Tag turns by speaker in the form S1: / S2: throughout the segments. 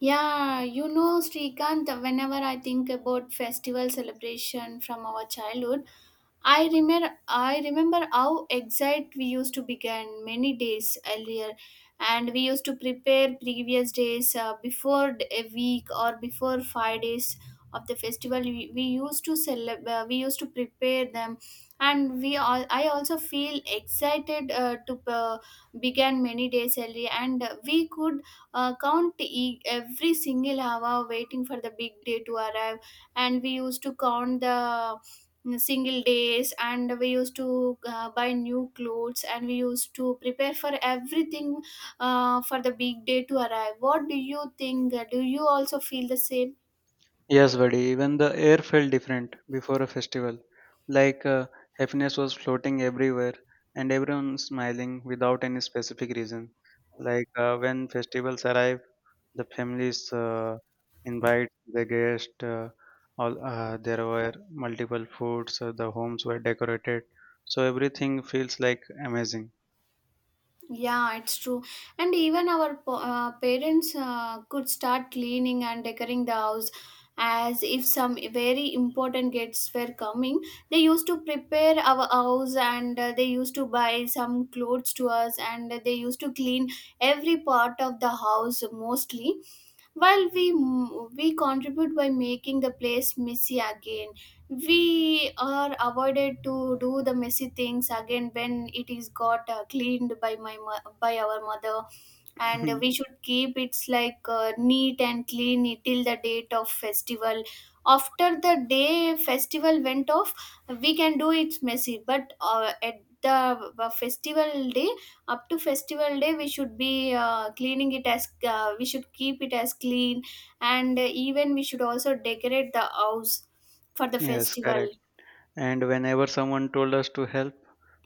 S1: Srikant, whenever I think about festival celebration from our childhood, I remember how excited we used to begin many days earlier, and we used to prepare previous days a week or before 5 days of the festival. We used to celebrate. We used to prepare them, and we all. I also feel excited to begin many days early, and we could count every single hour waiting for the big day to arrive, and we used to count the single days, and we used to buy new clothes, and we used to prepare for everything for the big day to arrive. What do you think, do you also feel the same?
S2: Yes, buddy, even the air felt different before a festival. Like uh, Happiness was floating everywhere and everyone smiling without any specific reason. When festivals arrive, the families invite the guest. All There were multiple foods. The homes were decorated, so everything feels like amazing.
S1: Yeah, it's true. And even our parents could start cleaning and decorating the house as if some very important guests were coming. They used to prepare our house, and they used to buy some clothes to us, and they used to clean every part of the house mostly. While we contribute by making the place messy again, we are avoided to do the messy things again when it is got cleaned by by our mother, and we should keep it's like neat and clean till the date of festival. After the day festival went off, we can do it's messy, but at the festival day, up to festival day we should be cleaning it as we should keep it as clean, and even we should also decorate the house for the
S2: Yes,
S1: festival.
S2: correct. And whenever someone told us to help,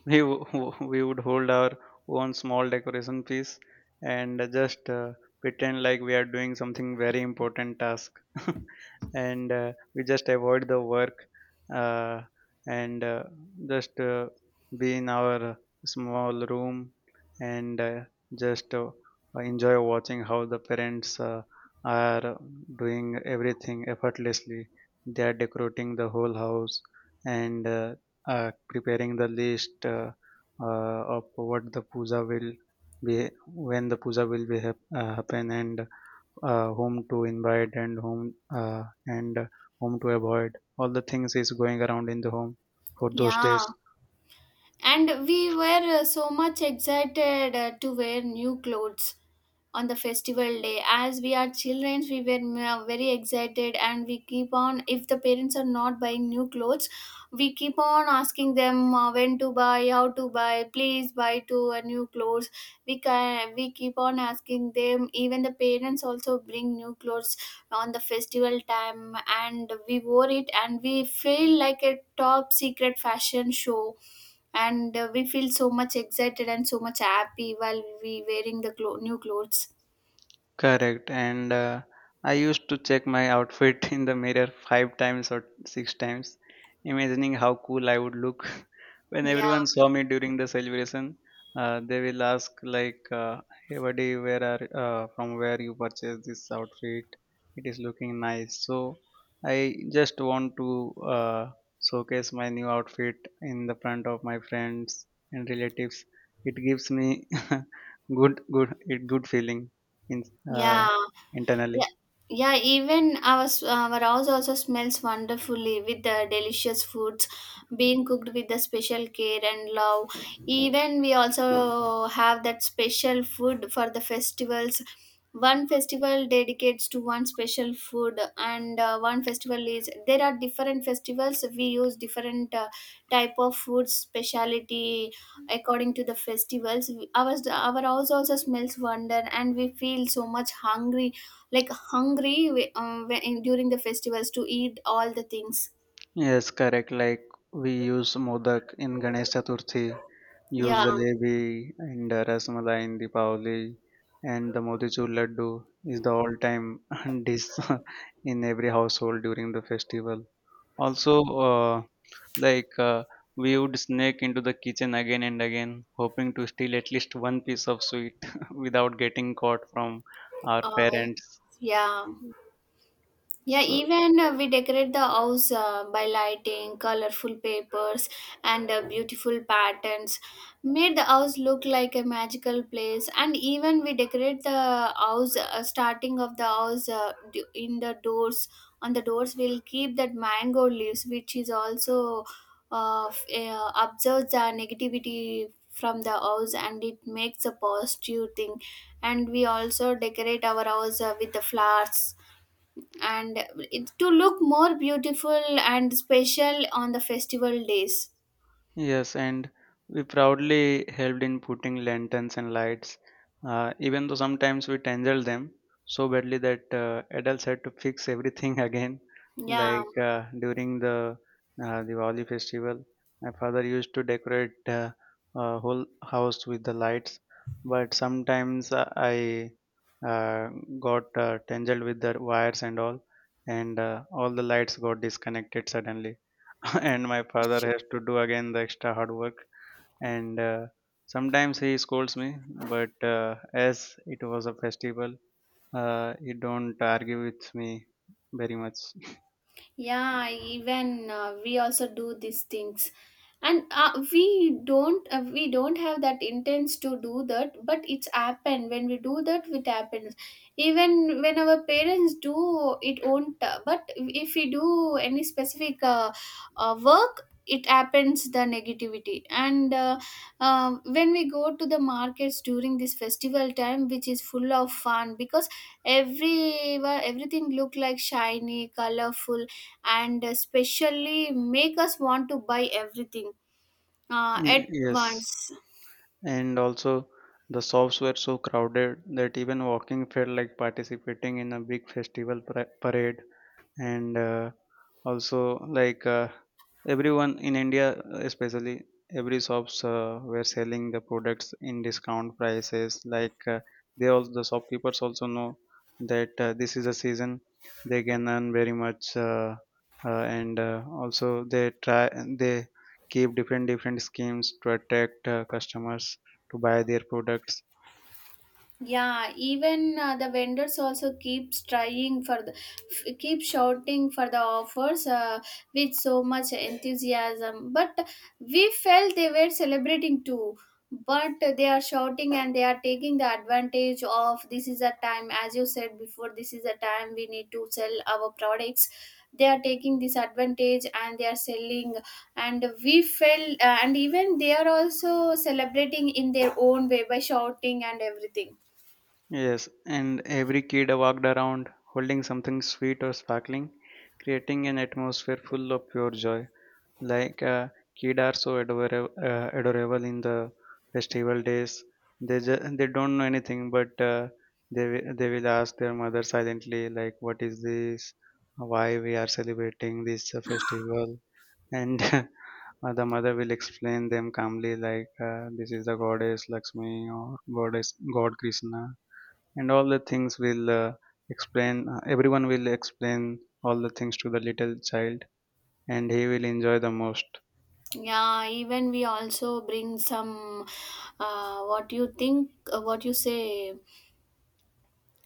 S2: we would hold our own small decoration piece and just pretend like we are doing something very important task, and we just avoid the work uh, and just be in our small room and just enjoy watching how the parents are doing everything effortlessly. They are decorating the whole house and preparing the list of what the puja will be, when the puja will happen, and whom to invite, and whom to avoid. All the things is going around in the home for those
S1: Yeah,
S2: days.
S1: and we were so much excited to wear new clothes on the festival day. As we are children, we were very excited, and we keep on, if the parents are not buying new clothes, we keep on asking them when to buy, how to buy, please buy to a new clothes. We can, we keep on asking them, even the parents also bring new clothes on the festival time, and we wore it, and we feel like a top secret fashion show, and we feel so much excited and so much happy while we wearing the new clothes.
S2: Correct, and I used to check my outfit in the mirror five times or six times, imagining how cool I would look. When
S1: Yeah,
S2: everyone saw me during the celebration, they will ask like, "Hey buddy, where are from where you purchased this outfit? It is looking nice." So I just want to uh, showcase my new outfit in the front of my friends and relatives. It gives me good feeling in
S1: yeah.
S2: uh, internally.
S1: Yeah, yeah. Even our our house also smells wonderfully with the delicious foods being cooked with the special care and love. Even we also have that special food for the festivals. One festival dedicates to one special food, and one festival is there are different festivals. We use different type of food speciality according to the festivals. Ours, our house also smells wonder, and we feel so much hungry, like hungry during the festivals to eat all the things.
S2: Yes, correct. Like we use modak in Ganesh Chaturthi, use
S1: Yeah.
S2: jalebi and rasmalai in Deepavali, and the motichur laddu is the all time dish in every household during the festival also. uh, like uh, we would sneak into the kitchen again and again, hoping to steal at least one piece of sweet without getting caught from our
S1: uh,
S2: parents.
S1: yeah. Yeah,
S2: So
S1: even we decorate the house by lighting, colorful papers, and beautiful patterns. Made the house look like a magical place. And even we decorate the house, starting of the house in the doors. On the doors, we'll keep that mango leaves, which is also observes the negativity from the house, and it makes a positive thing. And we also decorate our house with the flowers, and it to look more beautiful and special on the festival days.
S2: yes, and we proudly helped in putting lanterns and lights, even though sometimes we tangled them so badly that adults had to fix everything again.
S1: Yeah,
S2: During the Diwali festival, my father used to decorate a whole house with the lights, but sometimes uh, I uh, got uh, tangled with the wires and all, and all the lights got disconnected suddenly, and my father has to do again the extra hard work, and sometimes he scolds me, but as it was a festival, he don't argue with me very much.
S1: yeah, even we also do these things, and we don't have that intents to do that, but it's happened. When we do that, it happens. Even when our parents do, it won't but if we do any specific work, it happens the negativity, and when we go to the markets during this festival time, which is full of fun, because everything look like shiny, colorful, and especially make us want to buy everything at
S2: Yes,
S1: once.
S2: and also the shops were so crowded that even walking felt like participating in a big festival parade, and also everyone in India, especially every shops were selling the products in discount prices. They, all the shopkeepers, also know that this is a season they can earn very much, and also they try they keep different different schemes to attract customers to buy their products.
S1: Yeah, even the vendors also keeps trying for the keep shouting for the offers with so much enthusiasm. But we felt they were celebrating too. But they are shouting, and they are taking the advantage of this is a time, as you said before, this is a time we need to sell our products. They are taking this advantage and they are selling, and we felt, and even they are also celebrating in their own way by shouting and everything.
S2: Yes, and every kid walked around holding something sweet or sparkling, creating an atmosphere full of pure joy. Like uh, Kids are so adorable, adorable in the festival days. They don't know anything, but they will ask their mother silently, like, "What is this? Why we are celebrating this festival?" And the mother will explain them calmly, like, "This is the goddess Lakshmi or goddess God Krishna." And all the things will explain everyone will explain all the things to the little child and he will enjoy the most.
S1: Yeah, even we also bring some what you think, what you say,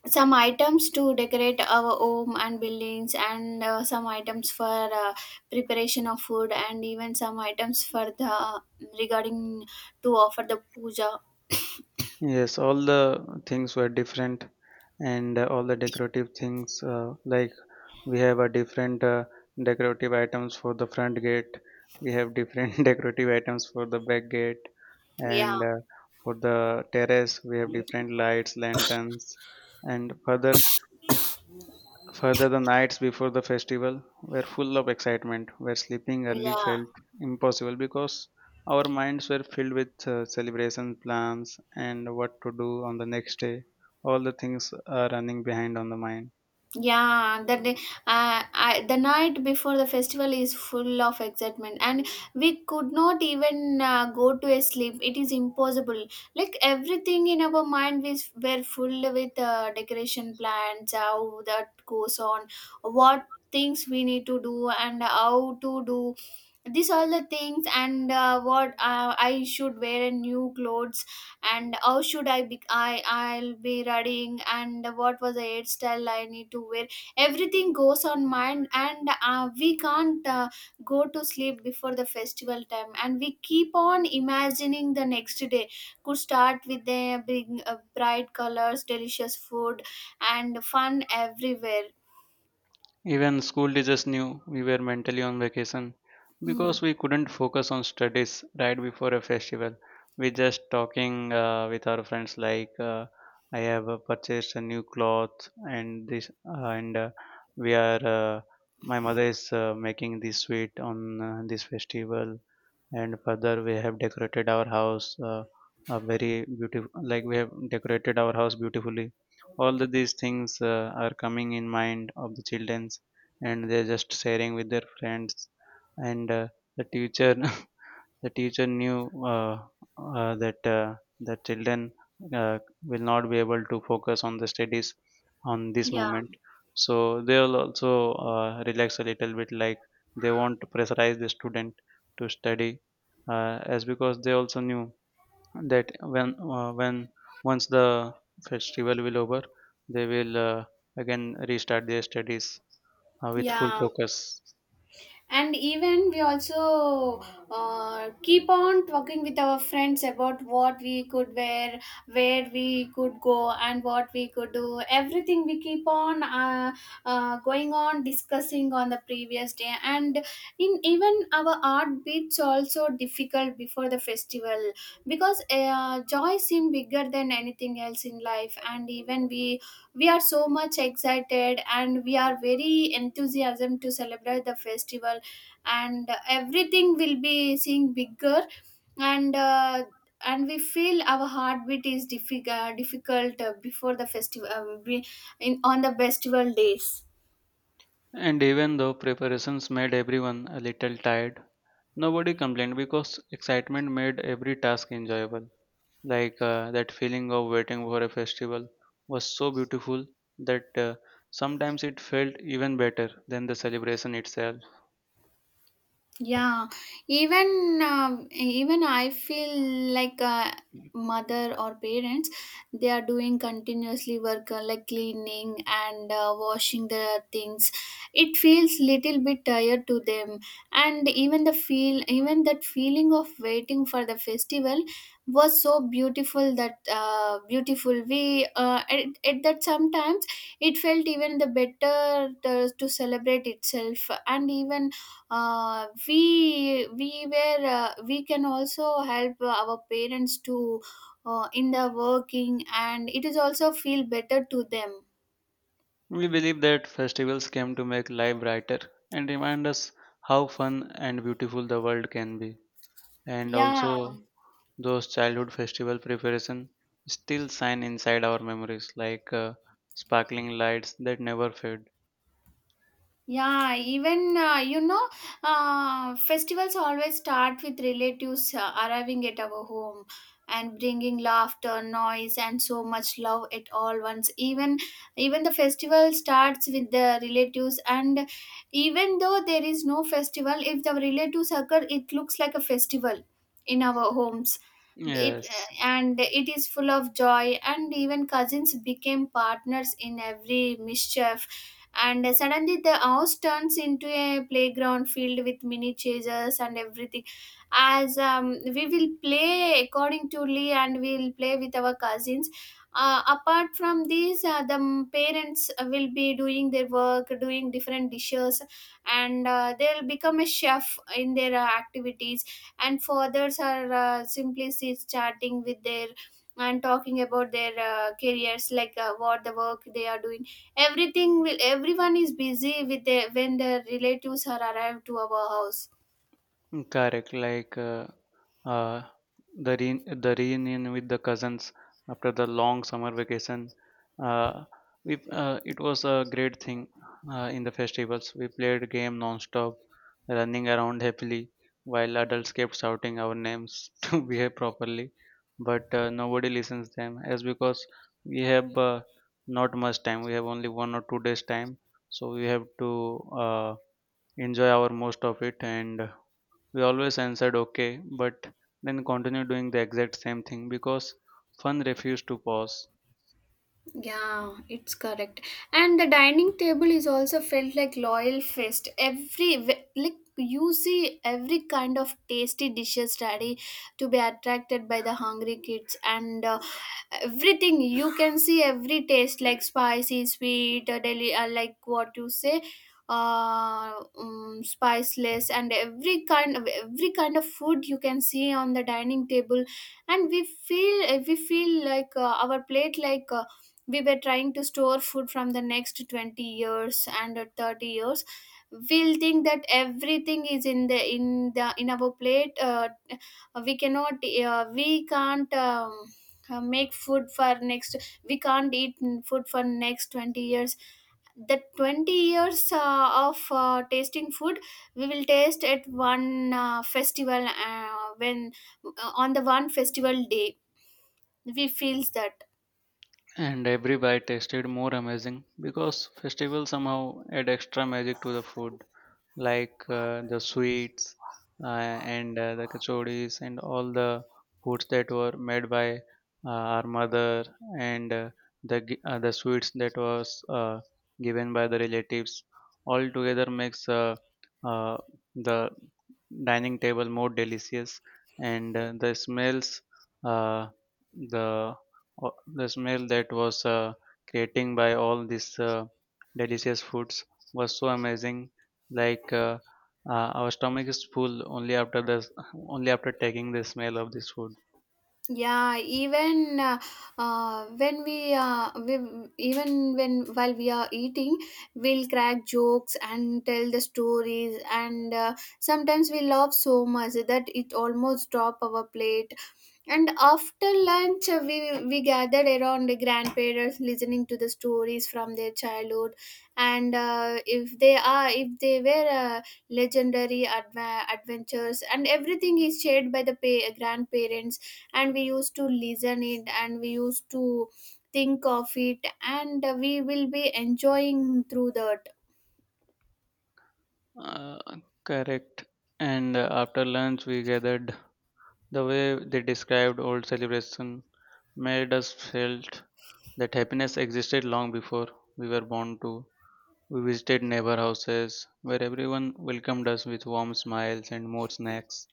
S1: some items to decorate our home and buildings, and some items for preparation of food, and even some items for the regarding to offer the puja.
S2: Yes, all the things were different, and all the decorative things, like we have a different decorative items for the front gate, we have different decorative items for the back gate, and
S1: Yeah,
S2: uh, for the terrace we have different lights, lanterns, and further, the nights before the festival were full of excitement, where sleeping early
S1: yeah.
S2: felt impossible because our minds were filled with celebration plans and what to do on the next day. All the things are running behind on the mind.
S1: Yeah, that day, the night before the festival is full of excitement, and we could not even go to a sleep. It is impossible. Like everything in our mind, were full with decoration plans, how that goes on, what things we need to do, and how to do. These all the things, and what I should wear, and new clothes, and how should I be, I'll be running, and what was the hairstyle I need to wear. Everything goes on mind, and we can't go to sleep before the festival time, and we keep on imagining the next day could start with the big bright colors, delicious food, and fun everywhere.
S2: Even school teachers knew we were mentally on vacation
S1: Hmm.
S2: because we couldn't focus on studies right before a festival. We just talking with our friends like, I have purchased a new cloth and this and we are my mother is making this sweet on this festival, and further we have decorated our house a very beautiful, like we have decorated our house beautifully. All the, these things are coming in mind of the childrens, and they're just sharing with their friends, and the teacher the teacher knew uh, that the children uh, will not be able to focus on the studies on this
S1: Yeah,
S2: moment. So they will also relax a little bit, like they won't pressurize the student to study, as because they also knew that when once the festival will over, they will again restart their studies with full
S1: yeah,
S2: focus.
S1: and even we also keep on talking with our friends about what we could wear, where we could go, and what we could do. Everything we keep on going on discussing on the previous day, and in even our art bits also difficult before the festival, because joy seem bigger than anything else in life, and even we are so much excited, and we are very enthusiasm to celebrate the festival, and everything will be seeing bigger, and uh, and we feel our heartbeat is difficult before the festival in on the festival days.
S2: And even though preparations made everyone a little tired, nobody complained because excitement made every task enjoyable. That feeling of waiting for a festival was so beautiful that sometimes it felt even better than the celebration itself.
S1: Yeah, even even I feel like mother or parents, they are doing continuously work like cleaning and washing the things. It feels little bit tired to them, and even the feel, even that feeling of waiting for the festival was so beautiful that beautiful we at that sometimes it felt even the better to celebrate itself, and even we were we can also help our parents to in the working, and it is also feel better to them.
S2: We believe that festivals came to make life brighter and remind us how fun and beautiful the world can be. And
S1: Yeah.
S2: also, those childhood festival preparation still shine inside our memories like sparkling lights that never fade.
S1: Yeah, even festivals always start with relatives arriving at our home and bringing laughter, noise, and so much love at all once. Even the festival starts with the relatives, and even though there is no festival, if the relatives occur, it looks like a festival in our homes. It
S2: Yes,
S1: and it is full of joy, and even cousins became partners in every mischief, and suddenly the house turns into a playground filled with mini chasers and everything. As we will play according to lee, and we'll play with our cousins, apart from these parents will be doing their work, doing different dishes, and they'll become a chef in their activities, and fathers are simply sit chatting with their, and talking about their careers, like what the work they are doing. Everything will, everyone is busy with their when their relatives are arrived to our house.
S2: correct, like uh, the reunion with the cousins after the long summer vacation. Uh, we It was a great thing in the festivals. We played game non-stop, running around happily while adults kept shouting our names to behave properly, but nobody listens them, as because we have not much time. We have only 1 or 2 days time, so we have to enjoy our most of it, and we always answered okay, but then continued doing the exact same thing because fun refused to pause.
S1: Yeah, it's correct. And the dining table is also felt like loyal feast. Every like you see every kind of tasty dishes ready to be attracted by the hungry kids, and everything you can see every taste like spicy, sweet, like what you say uh spiceless, and every kind of food you can see on the dining table, and we feel like our plate like we were trying to store food from the next 20 years and 30 years. We'll think that everything is in the in our plate. We cannot we can't Make food for next, we can't eat food for next 20 years, the 20 years of tasting food, we will taste at one festival when on the one festival day we feels that.
S2: And every bite tasted more amazing because festivals somehow add extra magic to the food, like the sweets uh, and the kachoris, and all the foods that were made by uh, our mother, and the sweets that was given by the relatives. All together makes uh, the dining table more delicious, and uh, the the smell that was creating by all these delicious foods was so amazing. Like uh, uh, our stomach is full only after taking the smell of this food.
S1: Yeah, even we even when while we are eating, we'll crack jokes and tell the stories, and sometimes we laugh so much that it almost drop our plate. And after lunch, we gathered around the grandparents, listening to the stories from their childhood, and if they were legendary adventures, and everything is shared by the grandparents, and we used to listen it, and we used to think of it, and we will be enjoying through that.
S2: Uh, Correct. And after lunch, we gathered. The way they described old celebration made us felt that happiness existed long before we were born to. We visited neighbor houses where everyone welcomed us with warm smiles and more snacks.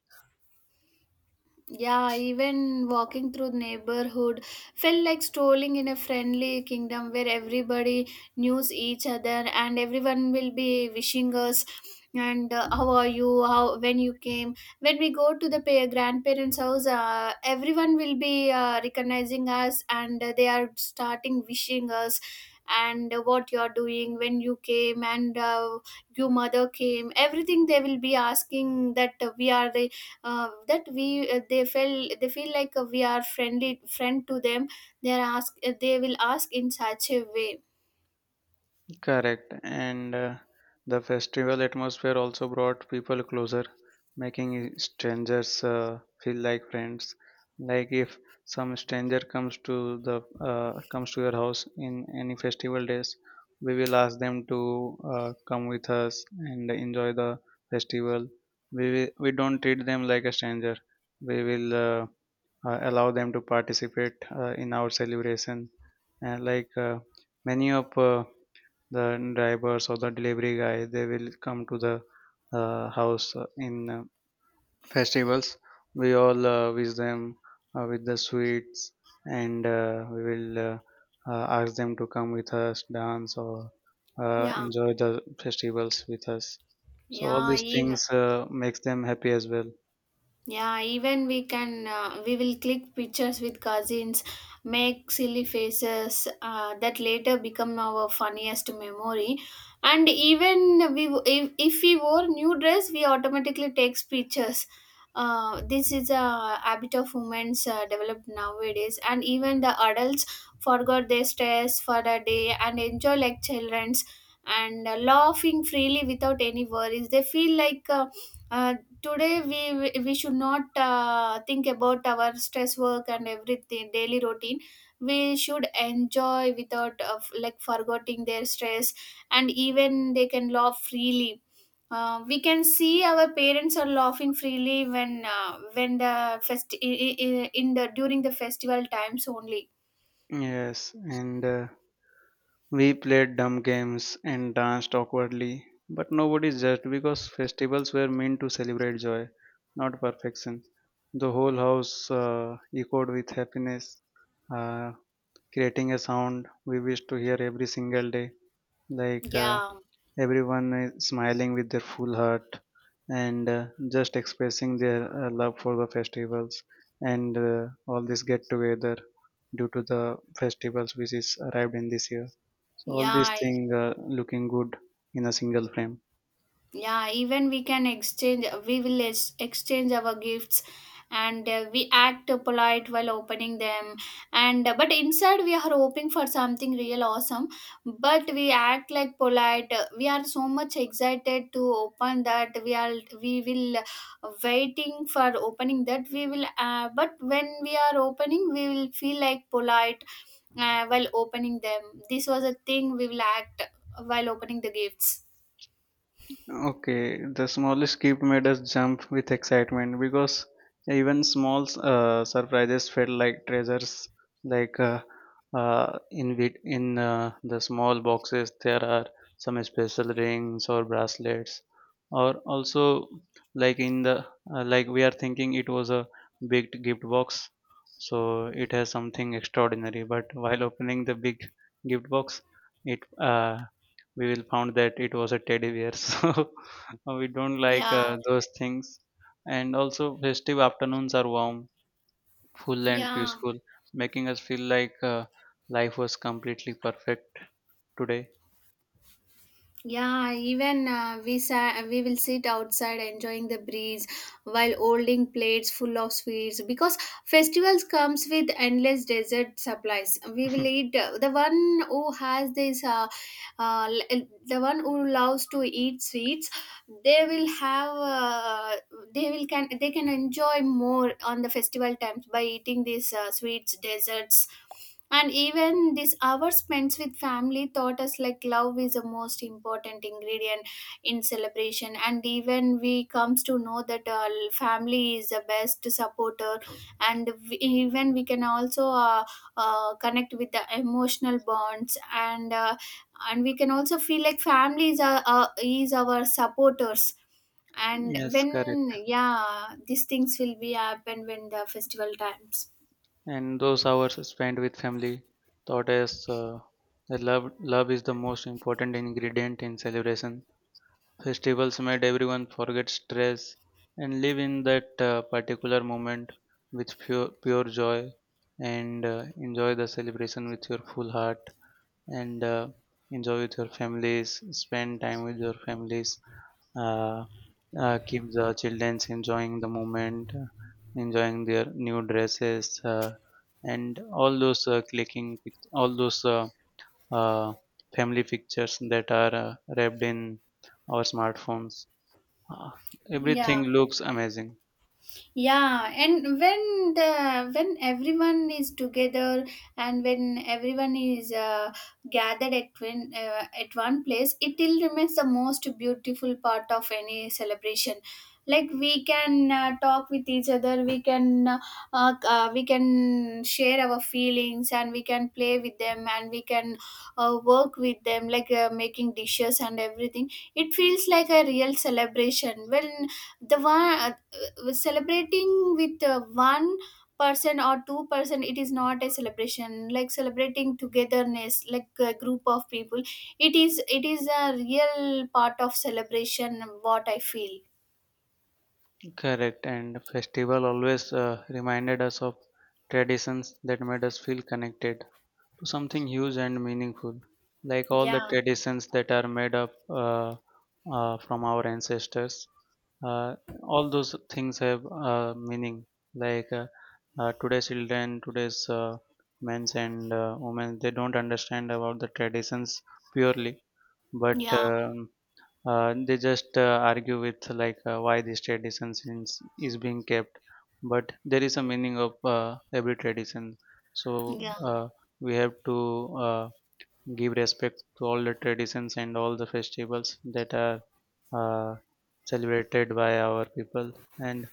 S1: Yeah, even walking through the neighborhood felt like strolling in a friendly kingdom where everybody knows each other and everyone will be wishing us and how are you how when you came when we go to the grandparents house, everyone will be recognizing us, and they are starting wishing us and what you are doing when you came, and your mother came, everything they will be asking that we are the that we they feel like we are friendly friend to them. They are ask they will ask in such a way.
S2: Correct, and the festival atmosphere also brought people closer, making strangers feel like friends. Like if some stranger comes to the comes to your house in any festival days, we will ask them to come with us and enjoy the festival. We will, we don't treat them like a stranger. We will allow them to participate in our celebration, and like many of the drivers or the delivery guy, they will come to the house in festivals. We all wish them with the sweets, and we will ask them to come with us dance or
S1: Yeah,
S2: enjoy the festivals with us, so all
S1: yeah,
S2: these
S1: even
S2: things makes them happy as well.
S1: yeah, even we can we will click pictures with cousins, make silly faces that later become our funniest memory. And even we if we wore new dress, we automatically takes pictures. This is a habit of women's developed nowadays, and even the adults forgot their stress for a day and enjoy like childrens and laughing freely without any worries. They feel like. Uh, Today we should not think about our stress work and everything daily routine. We should enjoy without like forgetting their stress, and even they can laugh freely. We can see our parents are laughing freely when the fest I- in the during the festival times only.
S2: Yes, and we played dumb games and danced awkwardly, but nobody judged because festivals were meant to celebrate joy, not perfection. The whole house echoed with happiness, uh, creating a sound we wish to hear every single day, like
S1: Yeah,
S2: everyone is smiling with their full heart, and just expressing their love for the festivals, and all this get together due to the festivals which is arrived in this year, so all these
S1: yeah,
S2: things looking good in a single frame.
S1: yeah, even we will exchange our gifts, and we act polite while opening them, and but inside we are hoping for something real awesome, but we act like polite. We are so much excited to open that we will waiting for opening that we will but when we are opening we will feel like polite while opening them. This was a thing we will act while opening the gifts.
S2: Okay, the smallest skip made us jump with excitement because even small surprises felt like treasures. Like in the small boxes, there are some special rings or bracelets, or also like in the like we are thinking it was a big gift box, so it has something extraordinary. But while opening the big gift box, it we will found that it was a teddy bear so we don't like
S1: Yeah,
S2: those things. And also festive afternoons are warm, full and
S1: yeah,
S2: peaceful, making us feel like life was completely perfect today.
S1: yeah. Even we will sit outside enjoying the breeze while holding plates full of sweets because festivals comes with endless dessert supplies. We will eat the one who has this l- the one who loves to eat sweets, they will have they can enjoy more on the festival times by eating these sweets desserts. And even this hour spent with family taught us like love is the most important ingredient in celebration, and even we comes to know that family is the best supporter. And even we can also connect with the emotional bonds, and we can also feel like are is our supporters. And
S2: Yes,
S1: when
S2: correct.
S1: yeah these things will be happen when the festival times.
S2: And those hours spent with family taught us that love is the most important ingredient in celebration. Festivals made everyone forget stress and live in that particular moment with pure joy, and enjoy the celebration with your full heart, and enjoy with your families, spend time with your families, uh, keep the children enjoying the moment, enjoying their new dresses, and all those uh, family pictures that are wrapped in our smartphones. uh,
S1: Yeah,
S2: Everything looks amazing.
S1: yeah, and when the when everyone is together and when everyone is gathered at at one place, it still remains the most beautiful part of any celebration. Like we can talk with each other, we can share our feelings, and we can play with them, and we can work with them like making dishes and everything. It feels like a real celebration when the one celebrating with one person or two person, it is not a celebration like celebrating togetherness like a group of people. It is a real part of celebration what I feel.
S2: Correct. And festival always reminded us of traditions that made us feel connected to something huge and meaningful. Like all the
S1: Yeah.
S2: traditions that are made up from our ancestors, uh, all those things have meaning. Like today's children, today's men's and women, they don't understand about the traditions purely, but
S1: Yeah,
S2: um They just argue with, like, why this tradition is being kept, but there is a meaning of every tradition. So
S1: yeah,
S2: uh, we have to give respect to all the traditions and all the festivals that are uh, celebrated by our people. And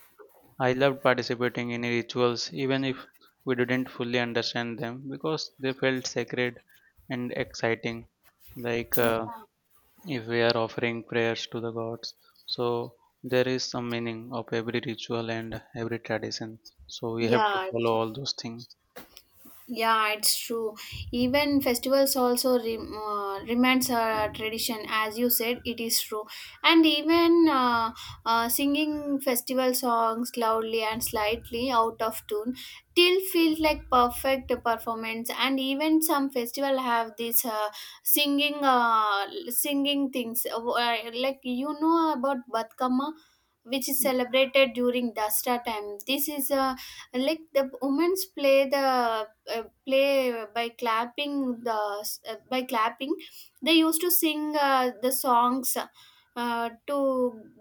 S2: I loved participating in rituals, even if we didn't fully understand them, because they felt sacred and exciting. Like if we are offering prayers to the gods, so there is some meaning of every ritual and every tradition, so we have to
S1: yeah.
S2: follow all those things.
S1: Yeah, it's true. Even festivals also remains a tradition, as you said, it is true. And even singing festival songs loudly and slightly out of tune still feels like perfect performance. And even some festival have this singing things like you know about Batkama, which is celebrated during Dasra time. This is a and, like the women's play the play by clapping the by clapping they used to sing the songs to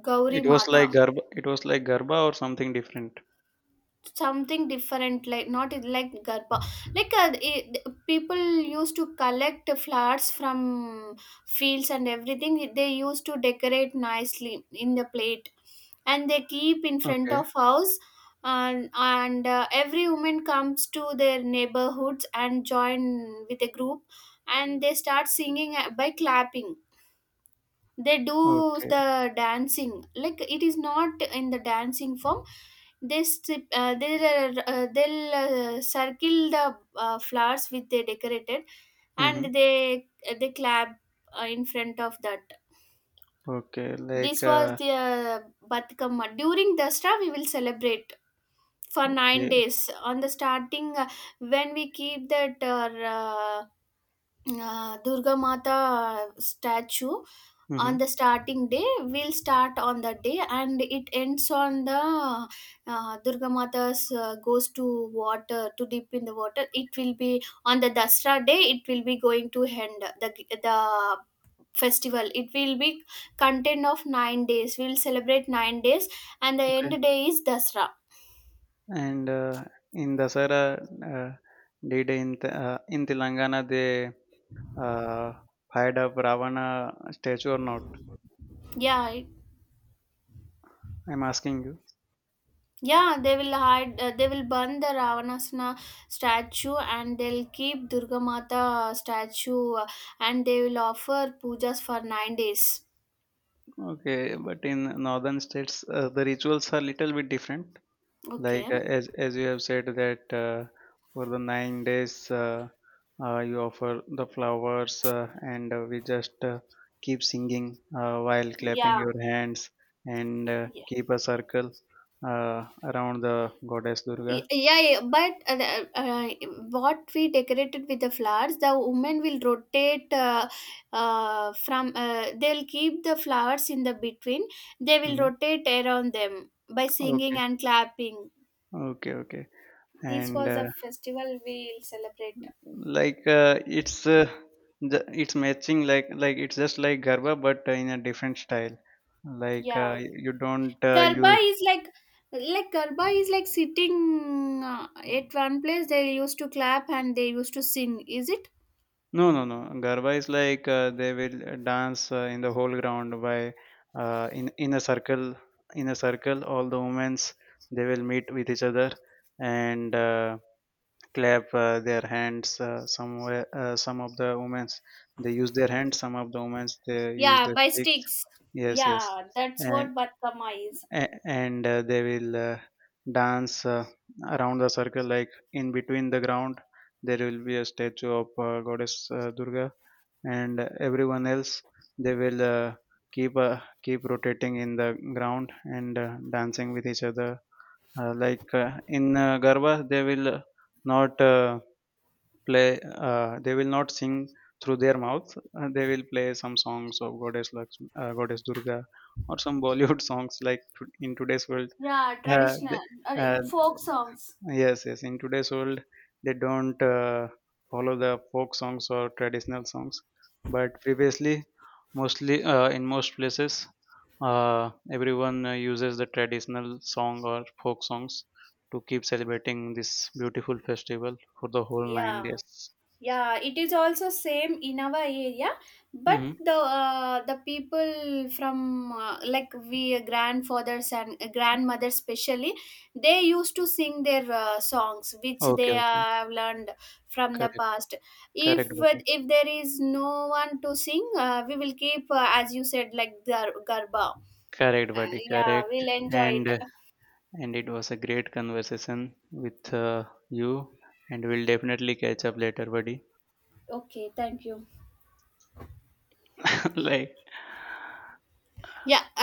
S1: Gauri
S2: It was
S1: Mata.
S2: like garba, it was like garba, or something different?
S1: Something different like not it- like Garba. Like people used to collect flowers from fields and everything. They used to decorate nicely in the plate and they keep in front
S2: Okay.
S1: of house. And, every woman comes to their neighborhoods and join with a group, and they start singing by clapping. They do
S2: Okay.
S1: the dancing like it is not in the dancing form. They'll circle the flowers which they decorated,
S2: Mm-hmm.
S1: and they clap in front of that.
S2: Okay,
S1: This
S2: like
S1: was the batkamma during dasra. We will celebrate for nine
S2: okay.
S1: days on the starting when we keep that durga mata statue
S2: Mm-hmm.
S1: on the starting day. We'll start on that day, and it ends on the durga mata's goes to water to dip in the water. It will be on the dasra day, it will be going to end the festival. It will be content of 9 days. We'll celebrate 9 days, and the
S2: Okay.
S1: end day is dasra.
S2: And in dasara, uh, did in telangana they uh, fired up ravana statue or not?
S1: Yeah,
S2: I'm asking you.
S1: yeah, they will hide. They will burn the Ravanasana statue, and they'll keep Durga Mata statue, and they will offer pujas for 9 days.
S2: Okay, but in northern states, the rituals are little bit different. Like
S1: Okay.
S2: as you have said that for the 9 days, you offer the flowers, and we just keep singing while clapping
S1: Yeah.
S2: your hands, and
S1: Yeah,
S2: keep a circle around the goddess Durga.
S1: Yeah, yeah, but what we decorated with the flowers, the women will rotate from. They'll keep the flowers in the between. They will
S2: Hmm.
S1: rotate around them by singing
S2: Okay,
S1: and clapping.
S2: okay, okay,
S1: This
S2: and.
S1: was a festival we'll celebrate.
S2: Like it's the, it's matching, like it's just like garba but in a different style, like
S1: Yeah.
S2: you don't
S1: Garba
S2: use.
S1: is like Garba is like sitting at one place. They used to clap and they used to sing. Is it?
S2: No, no, no, garba is like they will dance in the whole ground by in a circle, in a circle all the women's, they will meet with each other, and clap their hands, somewhere some of the women's, they use their hands, some of the women's they use
S1: Yeah,
S2: their
S1: by
S2: sticks.
S1: sticks.
S2: Yes, yes.
S1: Yeah, that's
S2: and
S1: what Batkama is.
S2: a- and uh, they will dance around the circle, like in between the ground there will be a statue of goddess durga, and everyone else, they will keep uh, keep rotating in the ground and dancing with each other, like in garba they will not play, they will not sing through their mouth. They will play some songs of goddess Lakshmi, goddess durga, or some bollywood songs, like to- in today's world.
S1: Yeah,
S2: yeah,
S1: traditional
S2: the,
S1: uh,
S2: uh,
S1: folk songs.
S2: yes, yes. In today's world, they don't follow the folk songs or traditional songs. But previously, mostly in most places, everyone uses the traditional song or folk songs to keep celebrating this beautiful festival for the whole nine
S1: Yeah.
S2: days.
S1: Yeah, it is also same in our area, but
S2: Mm-hmm.
S1: the people from like we grandfathers and grandmothers especially, they used to sing their songs which they
S2: Okay, okay.
S1: have learned from the
S2: Correct,
S1: past. if
S2: correct, buddy.
S1: if there is no one to sing, we will keep as you said like garba.
S2: Correct, buddy.
S1: Yeah,
S2: Correct.
S1: we'll enjoy
S2: And
S1: it.
S2: uh, and it was a great conversation with you, and we'll definitely catch up later, buddy.
S1: Okay, thank you.
S2: Like
S1: Yeah.